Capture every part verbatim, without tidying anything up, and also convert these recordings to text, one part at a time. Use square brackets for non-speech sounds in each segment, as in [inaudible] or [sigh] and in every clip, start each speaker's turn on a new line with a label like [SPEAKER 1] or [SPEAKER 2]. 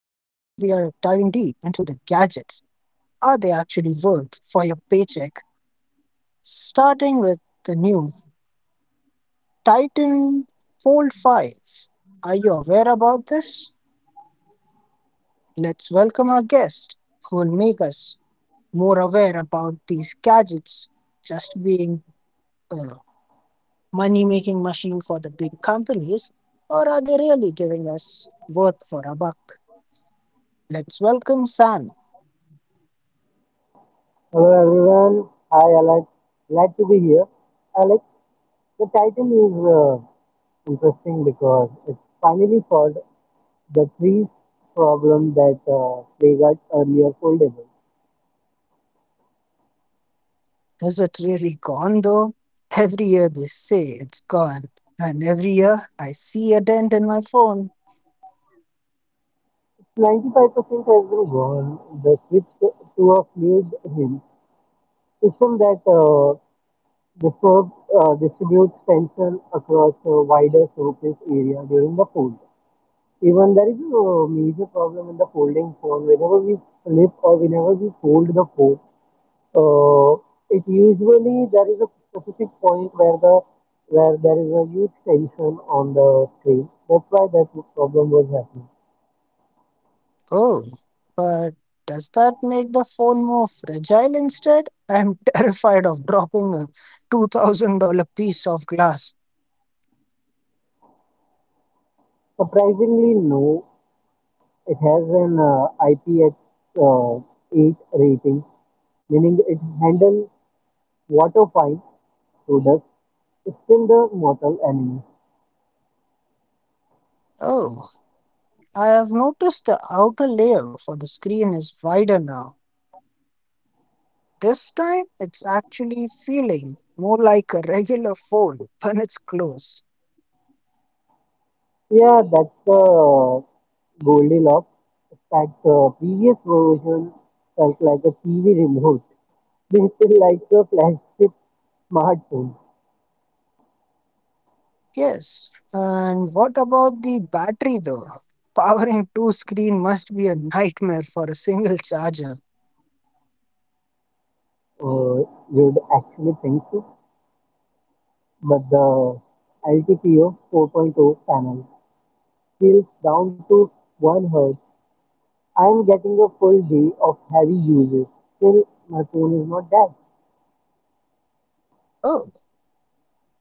[SPEAKER 1] diving deep into the gadgets. Are they actually worth for your paycheck? Starting with the new Titan Fold five. Are you aware about this? Let's welcome our guest who will make us more aware about these gadgets just being a money making machine for the big companies, or are they really giving us worth for a buck? Let's welcome Sam.
[SPEAKER 2] Hello everyone. Hi Alex. Glad to be here. Alex, the title is uh, interesting because it finally solved the trees problem that uh, they got earlier foldable.
[SPEAKER 1] Is it really gone though? Every year they say it's gone, and every year I see a dent in my phone.
[SPEAKER 2] It's ninety-five percent has been gone. The switch to to a fluid hinge system that uh, disturb, uh, distributes tension across a wider surface area during the fold. Even there is a major problem in the folding phone. Whenever we flip or whenever we fold the phone, uh, it usually there is a specific point where the where there is a huge tension on the screen. That's why that problem was happening.
[SPEAKER 1] Oh, but does that make the phone more fragile instead? I'm [laughs] terrified of dropping a two thousand dollars piece of glass.
[SPEAKER 2] Surprisingly, no, it has an uh, I P X eight rating, meaning it handles water fine, so does still the mortal enemy.
[SPEAKER 1] Oh, I have noticed the outer layer for the screen is wider now. This time it's actually feeling more like a regular phone when it's closed.
[SPEAKER 2] Yeah, that's the Goldilocks. That uh, previous version felt like a T V remote. [laughs] This is like a flash chip smartphone.
[SPEAKER 1] Yes. And what about the battery though? Powering two screen must be a nightmare for a single charger.
[SPEAKER 2] Uh, you'd actually think so, but the L T P O 4.0 panel scales down to one hertz. I'm getting a full day of heavy usage. Still, my phone is not dead.
[SPEAKER 1] Oh,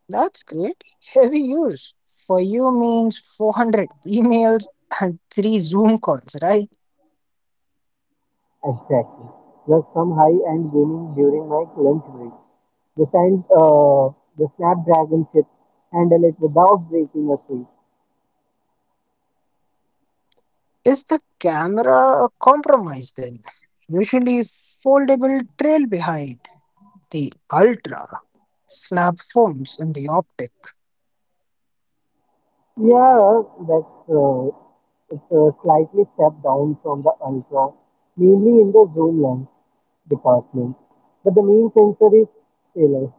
[SPEAKER 1] that's great. Heavy use. For you means four hundred emails and three Zoom calls, right?
[SPEAKER 2] Exactly. Plus some high-end gaming during my lunch break. The, sand, uh, the Snapdragon chip handle it without breaking a sweet.
[SPEAKER 1] Is the camera a compromise then? Usually foldable trail behind the ultra snap phones and the optic.
[SPEAKER 2] Yeah, that's uh, it's a slightly step down from the Ultra, mainly in the zoom lens department. But the main sensor is stellar.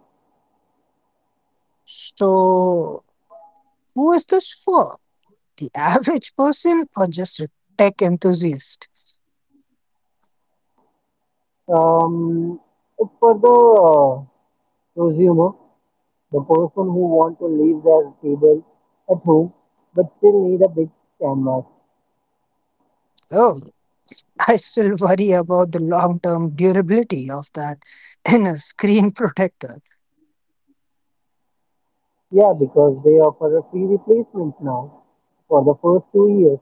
[SPEAKER 1] So who is this for? The [laughs] average person or just a tech enthusiast?
[SPEAKER 2] Um, it's for the uh, prosumer, the person who want to leave their table at home but still need a big canvas.
[SPEAKER 1] Oh, [laughs] I still worry about the long term durability of that [laughs] inner screen protector.
[SPEAKER 2] Yeah, because they offer a free replacement now for the first two years,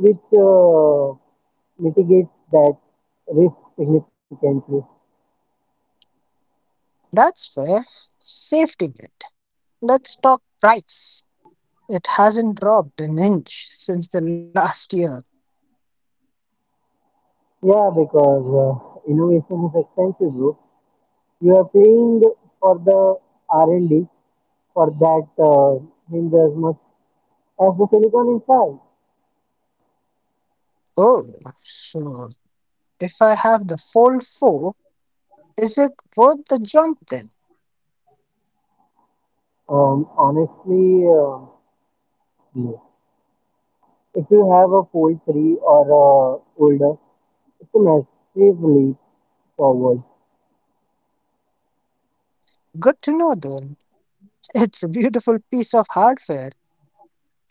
[SPEAKER 2] which uh, mitigates that risk significantly.
[SPEAKER 1] That's fair. Safety net. Let's talk price. It hasn't dropped an inch since the last year.
[SPEAKER 2] Yeah, because uh, innovation is expensive, bro. You are paying for the R and D for that uh, means as much as the silicon inside.
[SPEAKER 1] Oh, so if I have the Fold four, is it worth the jump then?
[SPEAKER 2] Um, honestly, uh, no. If you have a Fold three or uh, older, it's a massive leap forward.
[SPEAKER 1] Good to know then. It's a beautiful piece of hardware.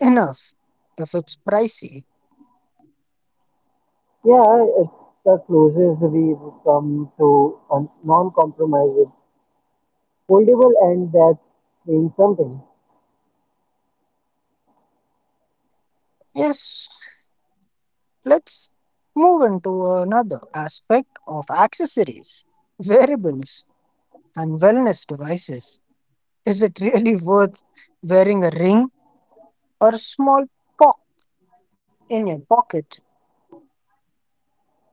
[SPEAKER 1] Enough if it's pricey.
[SPEAKER 2] Yeah, it's the closest we've come to a non-compromise with foldable, and that's saying something.
[SPEAKER 1] Yes, let's move into another aspect of accessories, wearables, and wellness devices. Is it really worth wearing a ring or a small pock in your pocket,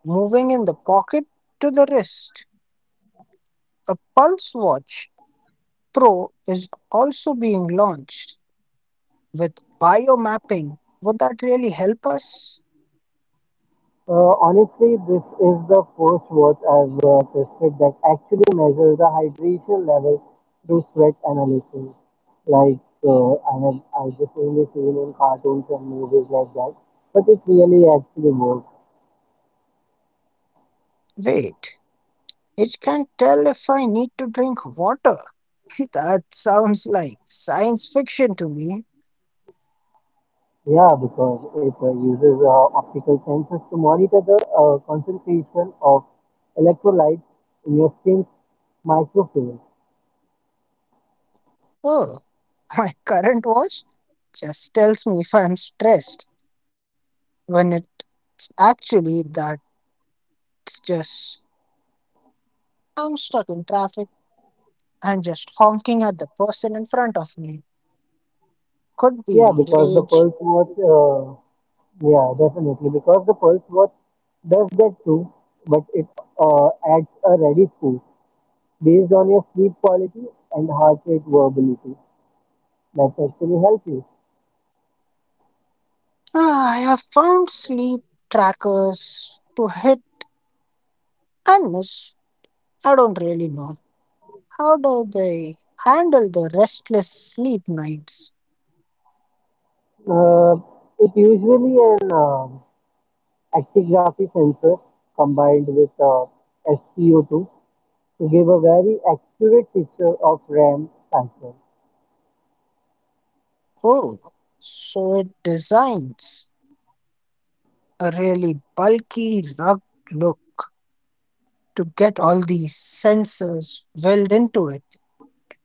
[SPEAKER 1] moving in the pocket to the wrist? A Pulse Watch Pro is also being launched with biomapping. Would that really help us?
[SPEAKER 2] Uh, honestly, this is the first watch I've uh, tested that actually measures the hydration level through sweat analysis. Like uh, I have, I just only seen in cartoons and movies like that, but it really actually works.
[SPEAKER 1] Wait. It can tell if I need to drink water. [laughs] That sounds like science fiction to me.
[SPEAKER 2] Yeah, because it uh, uses uh, optical sensors to monitor the uh, concentration of electrolytes in your skin's microfluids.
[SPEAKER 1] Oh, [laughs] my current watch just tells me if I'm stressed, when it's actually that's just I'm stuck in traffic and just honking at the person in front of me. Could
[SPEAKER 2] Yeah,
[SPEAKER 1] be
[SPEAKER 2] because the
[SPEAKER 1] rage.
[SPEAKER 2] pulse watch, uh, yeah, definitely, because the pulse watch does that too, but it uh, adds a ready score based on your sleep quality and heart rate variability. That actually helps you.
[SPEAKER 1] Ah, I have found sleep trackers to hit and miss. I don't really know. How do they handle the restless sleep nights?
[SPEAKER 2] Uh, it usually an uh, actigraphy sensor combined with uh, S P O two to give a very accurate picture of RAM cycle.
[SPEAKER 1] Oh, so it designs a really bulky, rugged look to get all these sensors welded into it.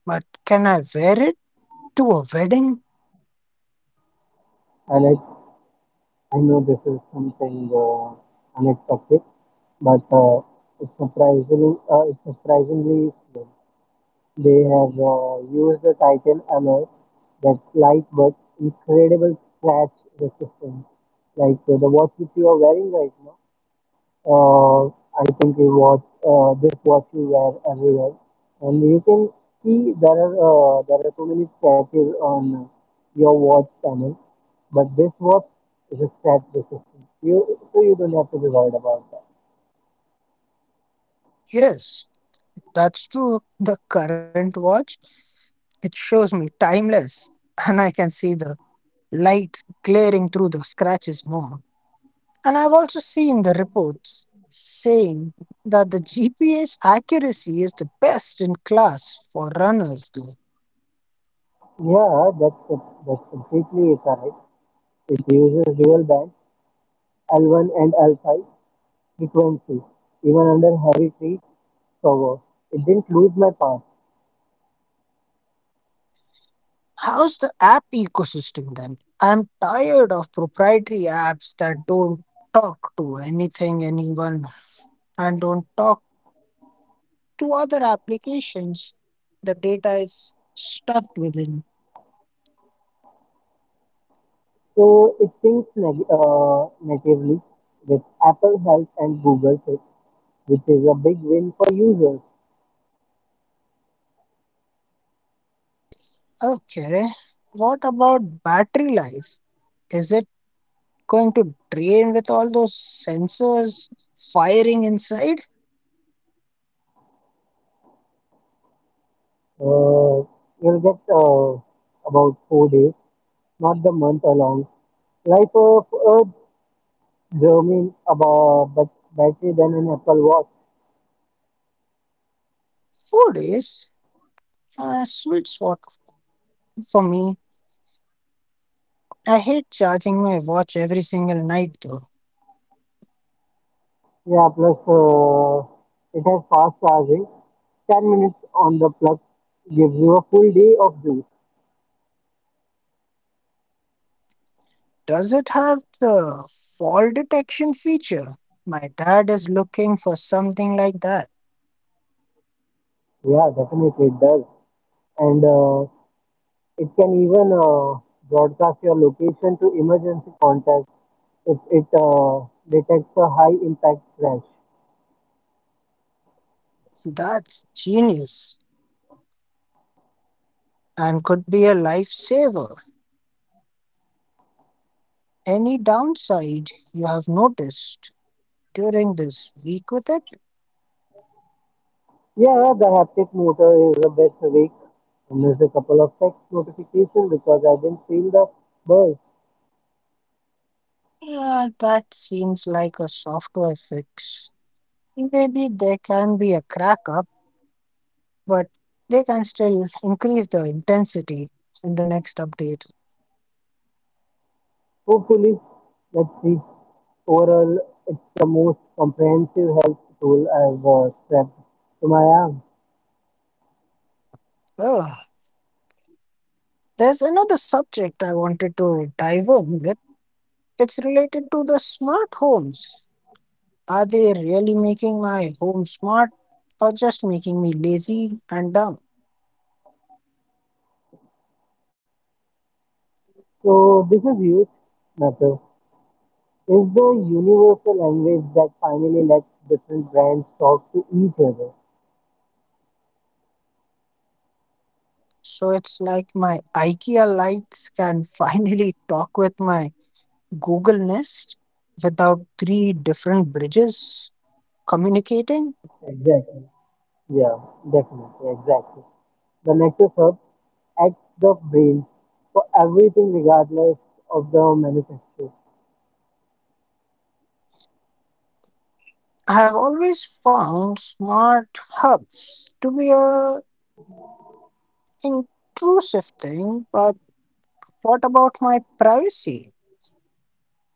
[SPEAKER 1] But can I wear it to a wedding?
[SPEAKER 2] And it, I know this is something uh, unexpected, but uh, it's surprisingly uh, it's surprisingly slow. They have uh, used the Titan alloy that's light but incredible scratch resistance. Like uh, the watch which you are wearing right now, uh, I think you watch uh, this watch you wear everywhere, and you can see there are uh, there are so many scratches on your watch panel, but this watch is a scratch resistant. You so you don't have to be worried about that.
[SPEAKER 1] Yes, that's true. The current watch, it shows me timeless, and I can see the light glaring through the scratches more. And I've also seen the reports saying that the G P S accuracy is the best in class for runners, though.
[SPEAKER 2] Yeah, that's that's completely correct. It uses dual band L one and L five frequency even under heavy tree cover. It didn't lose my power.
[SPEAKER 1] How's the app ecosystem then? I'm tired of proprietary apps that don't talk to anything, anyone, and don't talk to other applications. The data is stuck within.
[SPEAKER 2] So it syncs neg- uh, natively with Apple Health and Google Fit, which is a big win for users.
[SPEAKER 1] Okay, what about battery life? Is it going to drain with all those sensors firing inside?
[SPEAKER 2] Uh, you'll get uh, about four days, not the month along. Life of Earth German about but battery than an Apple Watch.
[SPEAKER 1] Food is a sweet spot for me. I hate charging my watch every single night though.
[SPEAKER 2] Yeah, plus uh, it has fast charging. ten minutes on the plug gives you a full day of juice.
[SPEAKER 1] Does it have the fall detection feature? My dad is looking for something like that.
[SPEAKER 2] Yeah, definitely it does. And uh, it can even uh, broadcast your location to emergency contacts if it uh, detects a high impact crash.
[SPEAKER 1] That's genius and could be a lifesaver. Any downside you have noticed during this week with it?
[SPEAKER 2] Yeah, the haptic motor is the best way. And there's a couple of text notifications because I didn't feel the buzz.
[SPEAKER 1] Yeah, that seems like a software fix. Maybe there can be a crack up, but they can still increase the intensity in the next update.
[SPEAKER 2] Hopefully, let's see. Overall, it's the most comprehensive health tool I've uh, strapped to my arm.
[SPEAKER 1] Oh, there's another subject I wanted to dive in with. It's related to the smart homes. Are they really making my home smart or just making me lazy and dumb?
[SPEAKER 2] So this is huge matter. Is the universal language that finally lets different brands talk to each other.
[SPEAKER 1] So it's like my IKEA lights can [laughs] finally talk with my Google Nest without three different bridges communicating.
[SPEAKER 2] Exactly. Yeah, definitely. Exactly. The Nexus Hub acts the brain for everything regardless of the manufacturer.
[SPEAKER 1] I have always found smart hubs to be a intrusive thing, but what about my privacy?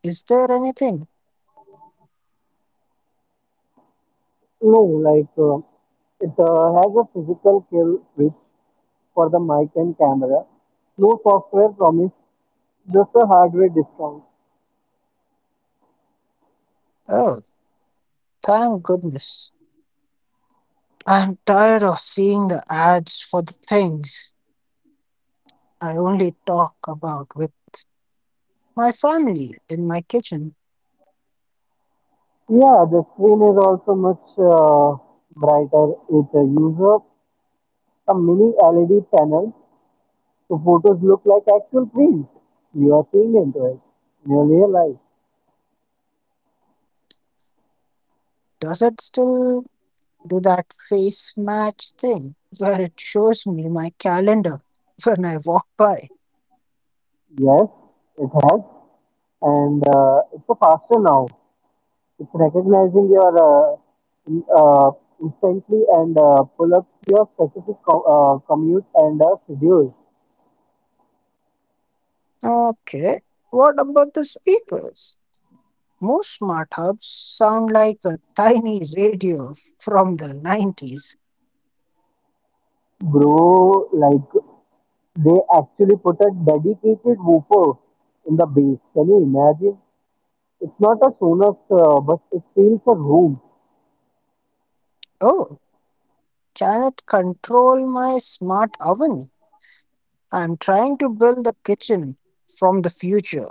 [SPEAKER 1] Is there anything?
[SPEAKER 2] No, like uh, it uh, has a physical kill switch for the mic and camera. No software promise, just a hardware discount.
[SPEAKER 1] Oh, thank goodness. I'm tired of seeing the ads for the things I only talk about with my family in my kitchen.
[SPEAKER 2] Yeah, the screen is also much uh, brighter. It's a user a mini L E D panel, so photos look like actual prints. You are seeing into it in your real life.
[SPEAKER 1] Does it still do that face match thing where it shows me my calendar [laughs] when I walk by?
[SPEAKER 2] Yes, it has, and uh, it's a faster now. It's recognizing your uh, in- uh, instantly and uh, pull up your specific co- uh, commute and uh, schedule.
[SPEAKER 1] Okay, what about the speakers? Most smart hubs sound like a tiny radio from the nineties.
[SPEAKER 2] Bro, like they actually put a dedicated woofer in the base. Can you imagine? It's not a Sonos, uh, but it feels a room.
[SPEAKER 1] Oh, can it control my smart oven? I'm trying to build a kitchen from the future.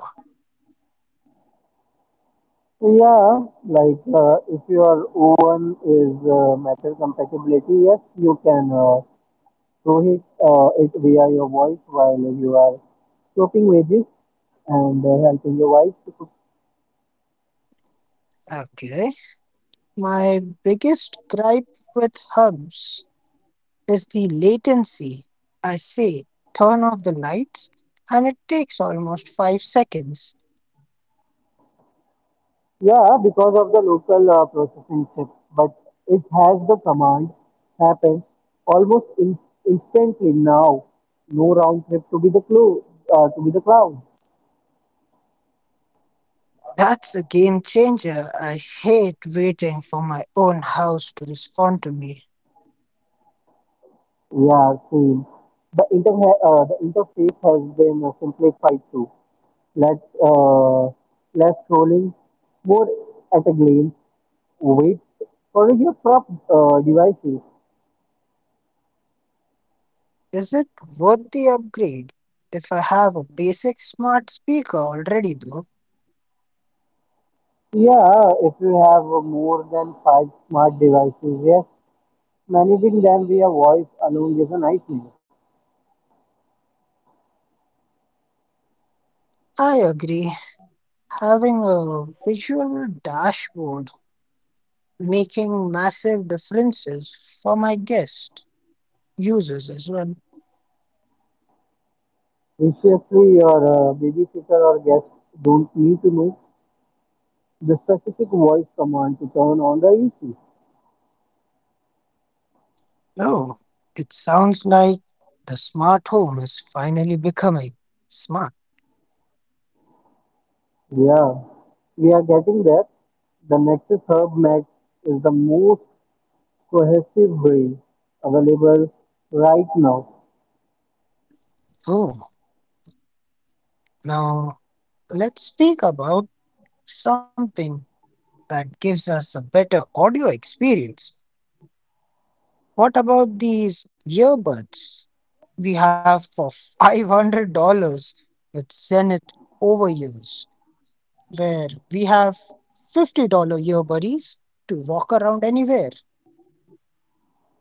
[SPEAKER 2] Yeah, like uh, if your oven is uh, metal compatibility, yes, you can uh, throw it, uh, it via your voice while you are chopping veggies and uh, helping your wife to cook.
[SPEAKER 1] Okay. My biggest gripe with hubs is the latency. I say, turn off the lights, and it takes almost five seconds.
[SPEAKER 2] Yeah, because of the local uh, processing chip, but it has the command happen almost in- instantly now. No round trip to be the clue uh, to be the cloud.
[SPEAKER 1] That's a game changer. I hate waiting for my own house to respond to me.
[SPEAKER 2] Yeah, same. The inter uh, the interface has been uh, simplified too. Less uh, Less scrolling, more at a glance. Wait for your prop uh, devices.
[SPEAKER 1] Is it worth the upgrade? If I have a basic smart speaker already, though,
[SPEAKER 2] Yeah, if you have uh, more than five smart devices, yes, managing them via voice alone is a nightmare.
[SPEAKER 1] I agree. Having a visual dashboard making massive differences for my guest users as well.
[SPEAKER 2] Recently, your uh, babysitter or guest don't need to know the specific voice command to turn on the A C.
[SPEAKER 1] Oh, it sounds like the smart home is finally becoming smart.
[SPEAKER 2] Yeah, we are getting there. The Nexus Hub Max is the most cohesive build available right now.
[SPEAKER 1] Oh, now let's speak about something that gives us a better audio experience. What about these earbuds we have for five hundred dollars with Zenith Overuse, where we have fifty dollars earbuddies to walk around anywhere?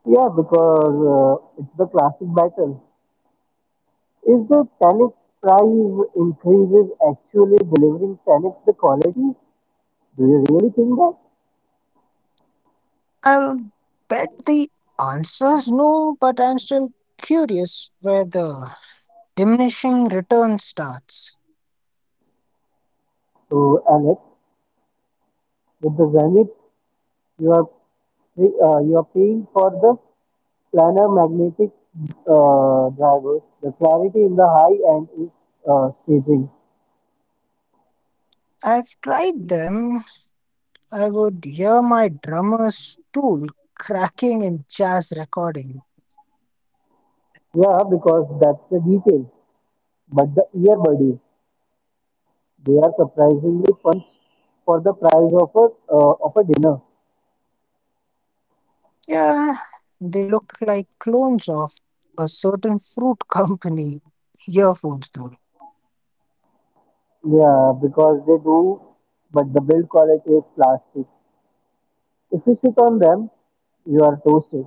[SPEAKER 2] Yeah, because uh, it's the classic battle. Is the ten x price increases actually delivering ten x the quality? Do you really think that?
[SPEAKER 1] I'll bet the answer's no, but I'm still curious where the diminishing return starts.
[SPEAKER 2] So, Alex, with the Zenith you are uh, you are paying for the planar magnetic uh, driver. The clarity in the high end is uh, staging.
[SPEAKER 1] I've tried them. I would hear my drummer's tool cracking in jazz recording.
[SPEAKER 2] Yeah, because that's the detail. But the earbuddies, they are surprisingly fun for the price of a uh, of a dinner.
[SPEAKER 1] Yeah, they look like clones of a certain fruit [laughs] company earphones, though.
[SPEAKER 2] Yeah, because they do, but the build quality is plastic. If you sit on them, you are toasted.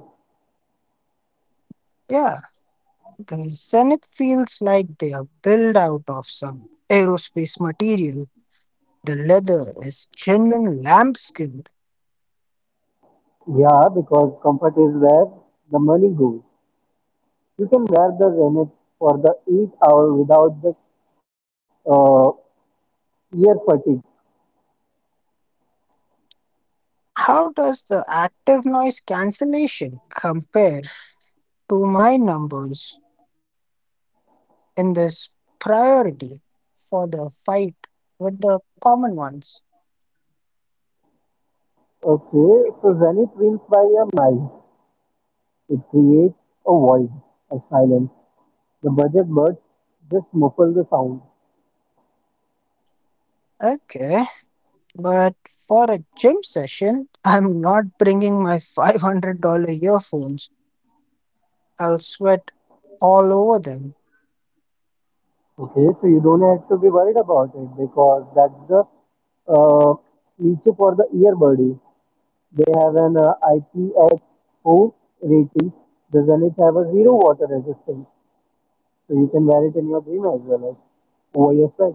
[SPEAKER 1] Yeah, the Zenith feels like they are built out of some aerospace material. The leather is genuine lambskin.
[SPEAKER 2] Yeah, because comfort is where the money goes. You can wear the Zenith for the eight hour without the uh, ear fatigue.
[SPEAKER 1] How does the active noise cancellation compare to my numbers in this priority for the fight with the common ones?
[SPEAKER 2] Okay, so Zenith wins by a mile. It creates a void, a silence. The budget birds just muffle the sound.
[SPEAKER 1] Okay. But for a gym session, [laughs] I'm not bringing my five hundred dollars earphones. I'll sweat all over them.
[SPEAKER 2] Okay, so you don't have to be worried about it because that's the uh, niche for the earbuddy. They have an uh, I P X four rating. The Zenith have a zero water resistance, so you can wear it in your dream as well as over your sweat.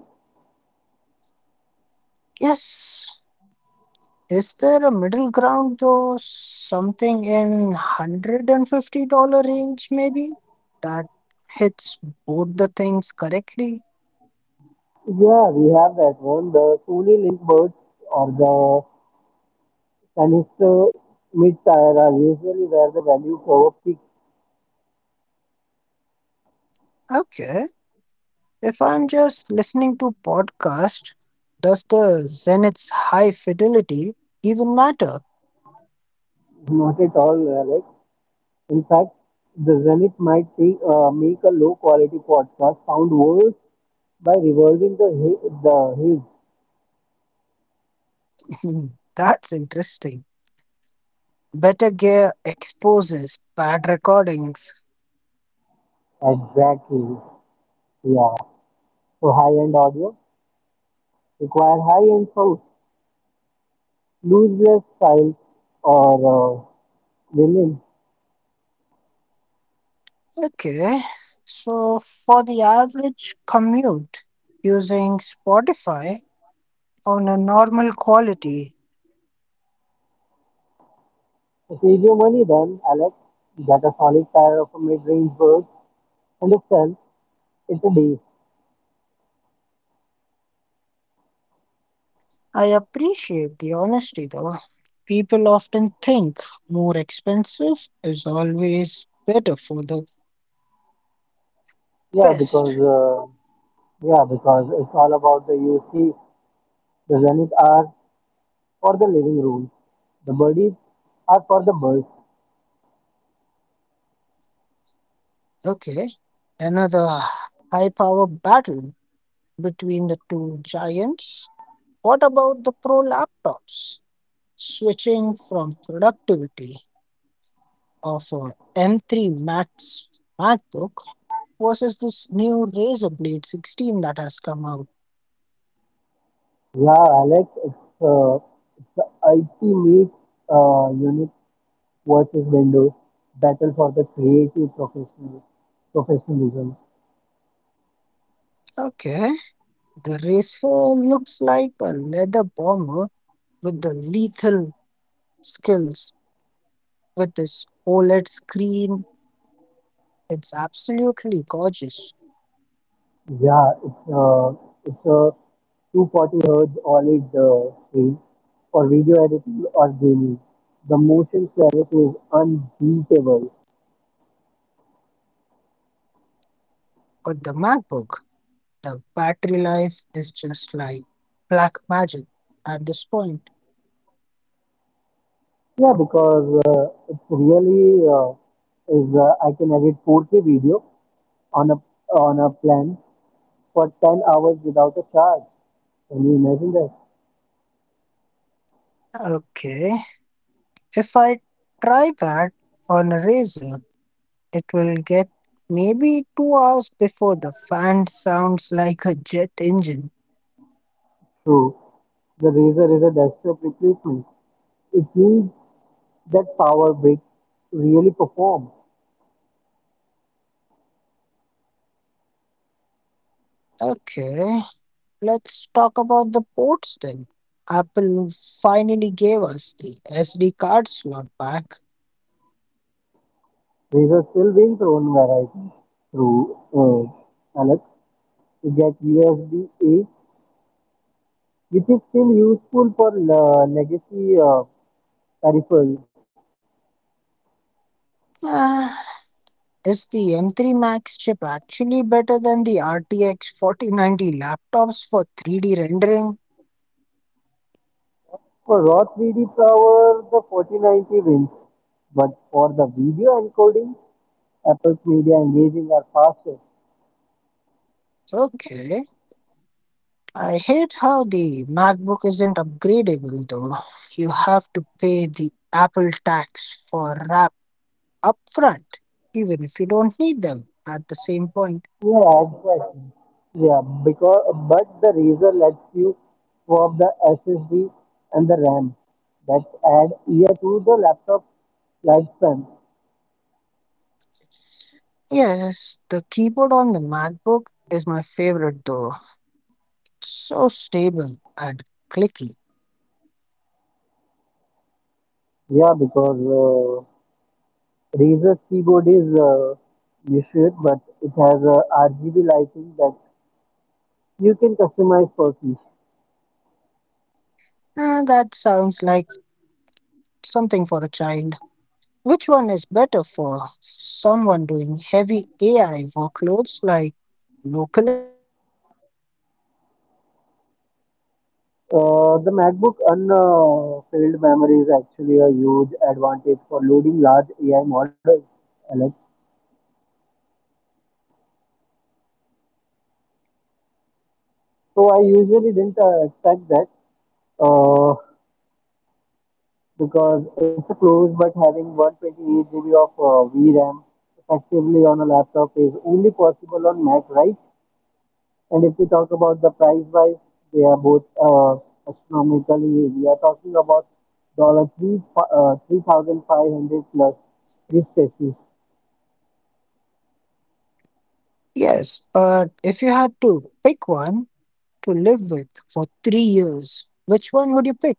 [SPEAKER 1] Yes. Is there a middle ground though? Something in a hundred fifty dollars range maybe? That hits both the things correctly?
[SPEAKER 2] Yeah, we have that one. The Sony link birds or the canister mid tire are usually where the value curve peaks.
[SPEAKER 1] Okay. If I'm just listening to podcast, does the Zenith's high fidelity even matter?
[SPEAKER 2] Is Not at all, Alex. In fact, the Zenith might take, uh, make a low quality podcast sound worse by reversing the hi- the his.
[SPEAKER 1] [laughs] That's interesting. Better gear exposes bad recordings.
[SPEAKER 2] Exactly. Yeah. So high end audio require high end sound, looseless styles or uh, vinyl.
[SPEAKER 1] Okay, so for the average commute using Spotify on a normal quality,
[SPEAKER 2] Save your money then, Alex. Get a solid pair of mid-range birds and sell it a day.
[SPEAKER 1] I appreciate the honesty though. People often think more expensive is always better for the
[SPEAKER 2] Yeah, because
[SPEAKER 1] best.
[SPEAKER 2] uh, yeah, because it's all about the U C. The Zenith are for the living rooms. The birdies are for the birds.
[SPEAKER 1] Okay, another high power battle between the two giants. What about the pro laptops? Switching from productivity of a M three Max MacBook versus this new Razer Blade sixteen that has come out.
[SPEAKER 2] Yeah, Alex, it's uh, it's the ultimate uh, unit versus Windows battle for the creative professional professionalism.
[SPEAKER 1] Okay, the Razer looks like a leather bomber with the lethal skills with this O L E D screen. It's absolutely gorgeous.
[SPEAKER 2] Yeah, it's a it's a two hundred forty hertz O L E D uh, screen for video editing or gaming. The motion clarity is unbeatable.
[SPEAKER 1] But the MacBook, the battery life is just like black magic at this point.
[SPEAKER 2] Yeah, because uh, it's really uh, is uh, I can edit four K video on a on a plan for ten hours without a charge. Can you imagine that?
[SPEAKER 1] Okay, if I try that on a razor, it will get maybe two hours before the fan sounds like a jet engine.
[SPEAKER 2] True. The Razer is a desktop replacement. It means that Power Brick really perform.
[SPEAKER 1] Okay, let's talk about the ports then. Apple finally gave us the S D card slot back. [sighs]
[SPEAKER 2] These are still being thrown variety through uh, Alex to get U S B-A, which is still useful for uh, legacy uh, peripherals.
[SPEAKER 1] Ah, is the M three Max chip actually better than the R T X forty ninety laptops for three D rendering?
[SPEAKER 2] For raw three D power, the forty ninety wins, but for the video encoding, Apple's media engaging are faster.
[SPEAKER 1] Okay. I hate how the MacBook isn't upgradable though. You have to pay the Apple tax for rap upfront, even if you don't need them at the same point.
[SPEAKER 2] Yeah, exactly. Yeah, because but the Razer lets you swap the S S D and the RAM that add year to the laptop lifespan.
[SPEAKER 1] Yes, the keyboard on the MacBook is my favorite though. It's so stable and clicky.
[SPEAKER 2] Yeah, because uh, Razer's keyboard is uh, measured, but it has a R G B lighting that you can customize for key.
[SPEAKER 1] And that sounds like something for a child. Which one is better for someone doing heavy A I workloads like local L L Ms?
[SPEAKER 2] Uh, the MacBook unfilled memory is actually a huge advantage for loading large A I models, Alex. So I usually didn't uh, expect that uh, because it's a close, but having one hundred twenty-eight gigabytes of uh, V RAM effectively on a laptop is only possible on Mac, right? And if we talk about the price wise, they are both uh, astronomically. We are talking about dollar three uh, three thousand five hundred plus this species.
[SPEAKER 1] Yes, but if you had to pick one to live with for three years, which one would you pick?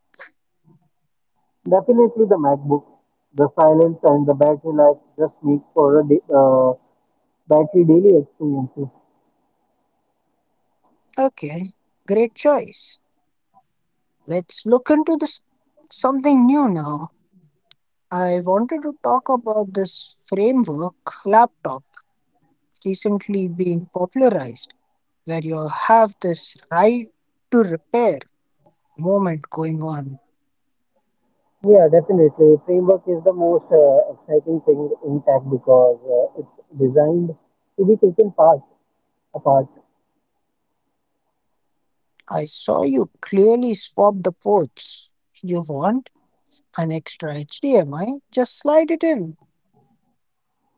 [SPEAKER 2] Definitely the MacBook, the silence and the battery life just make for a da- uh, battery daily experiences.
[SPEAKER 1] Okay, great choice. Let's look into this something new now. I wanted to talk about this framework laptop recently being popularized, where you have this right to repair moment going on.
[SPEAKER 2] Yeah, definitely. Framework is the most uh, exciting thing in tech because uh, it's designed to be taken part apart.
[SPEAKER 1] I saw you clearly swap the ports. You want an extra H D M I? Just slide it in.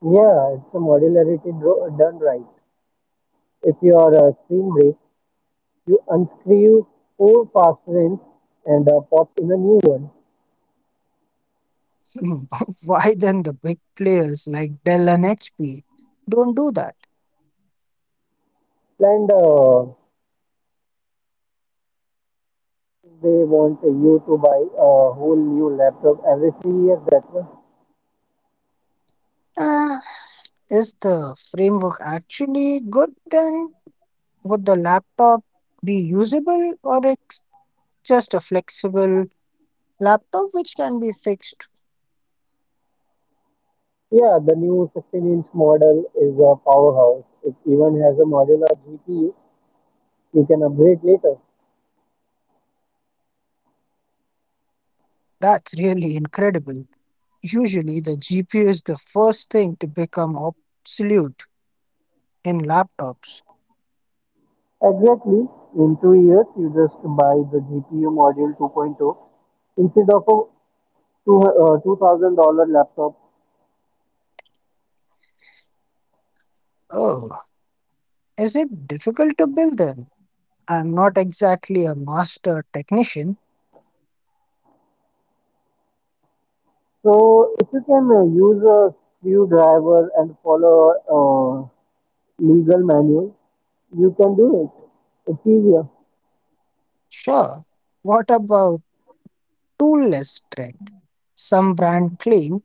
[SPEAKER 2] Yeah, it's a modularity dro- done right. If you are a spring break, you unscrew four past rinse and uh, pop in a new one.
[SPEAKER 1] [laughs] Why then the big players like Dell and H P don't do that?
[SPEAKER 2] And uh, they want you to buy a whole new laptop every three years. That one.
[SPEAKER 1] Uh, is the framework actually good then? Would the laptop be usable or it's just a flexible laptop which can be fixed?
[SPEAKER 2] Yeah, the new sixteen-inch model is a powerhouse. It even has a modular G P U you can upgrade later.
[SPEAKER 1] That's really incredible. Usually the G P U is the first thing to become obsolete in laptops.
[SPEAKER 2] Exactly. In two years, you just buy the G P U module 2.0 instead of a two, uh, two thousand dollars laptop.
[SPEAKER 1] Oh, is it difficult to build then? I'm not exactly a master technician.
[SPEAKER 2] So if you can uh, use a screwdriver and follow uh, legal manual, you can do it. It's easier.
[SPEAKER 1] Sure. What about toolless strength? Some brands claim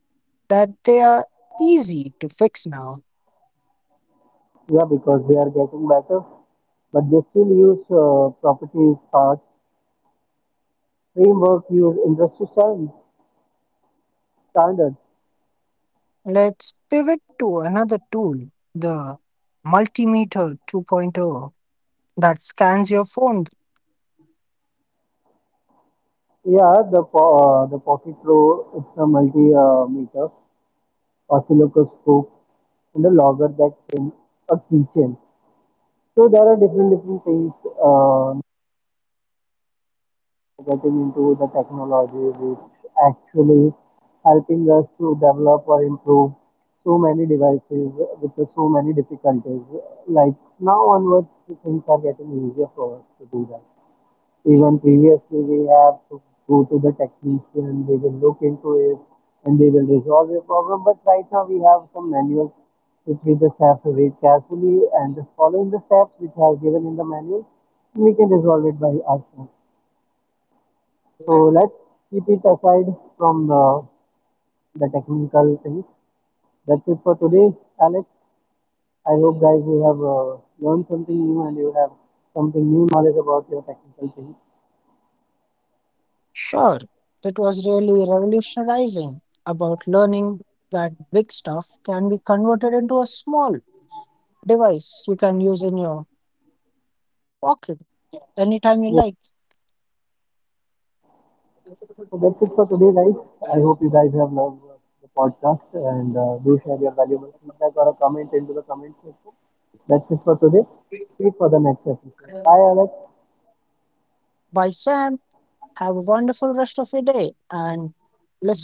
[SPEAKER 1] that they are easy to fix now.
[SPEAKER 2] Yeah, because they are getting better, but they still use uh, property parts. Framework use industry stand- standards.
[SPEAKER 1] Let's pivot to another tool, the Multimeter 2.0 that scans your phone.
[SPEAKER 2] Yeah, the po- uh, the Pocket Pro, it's a multi uh, meter oscilloscope and a logger that in a keychain. So there are different different things uh, getting into the technology which actually helping us to develop or improve so many devices with the so many difficulties. Like now onwards, things are getting easier for us to do that. Even previously, we have to go to the technician, they will look into it and they will resolve your problem. But right now, we have some manuals which we just have to read carefully and just following the steps which are given in the manual, we can resolve it by ourselves. So let's keep it aside from the, the technical things. That's it for today, Alex. I hope guys you have uh, learned something new and you have something new knowledge about your technical things.
[SPEAKER 1] Sure, it was really revolutionizing about learning that big stuff can be converted into a small device you can use in your pocket
[SPEAKER 2] Yeah.
[SPEAKER 1] anytime you like.
[SPEAKER 2] So that's it for today, guys. I hope you guys have loved uh, the podcast and uh, do share your valuable feedback or a comment into the comment section. That's it for today. See you for the next episode. Bye, Alex.
[SPEAKER 1] By Sam. Have a wonderful rest of your day. And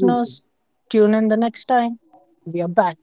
[SPEAKER 2] Be safe.
[SPEAKER 1] tune in the next time we are back.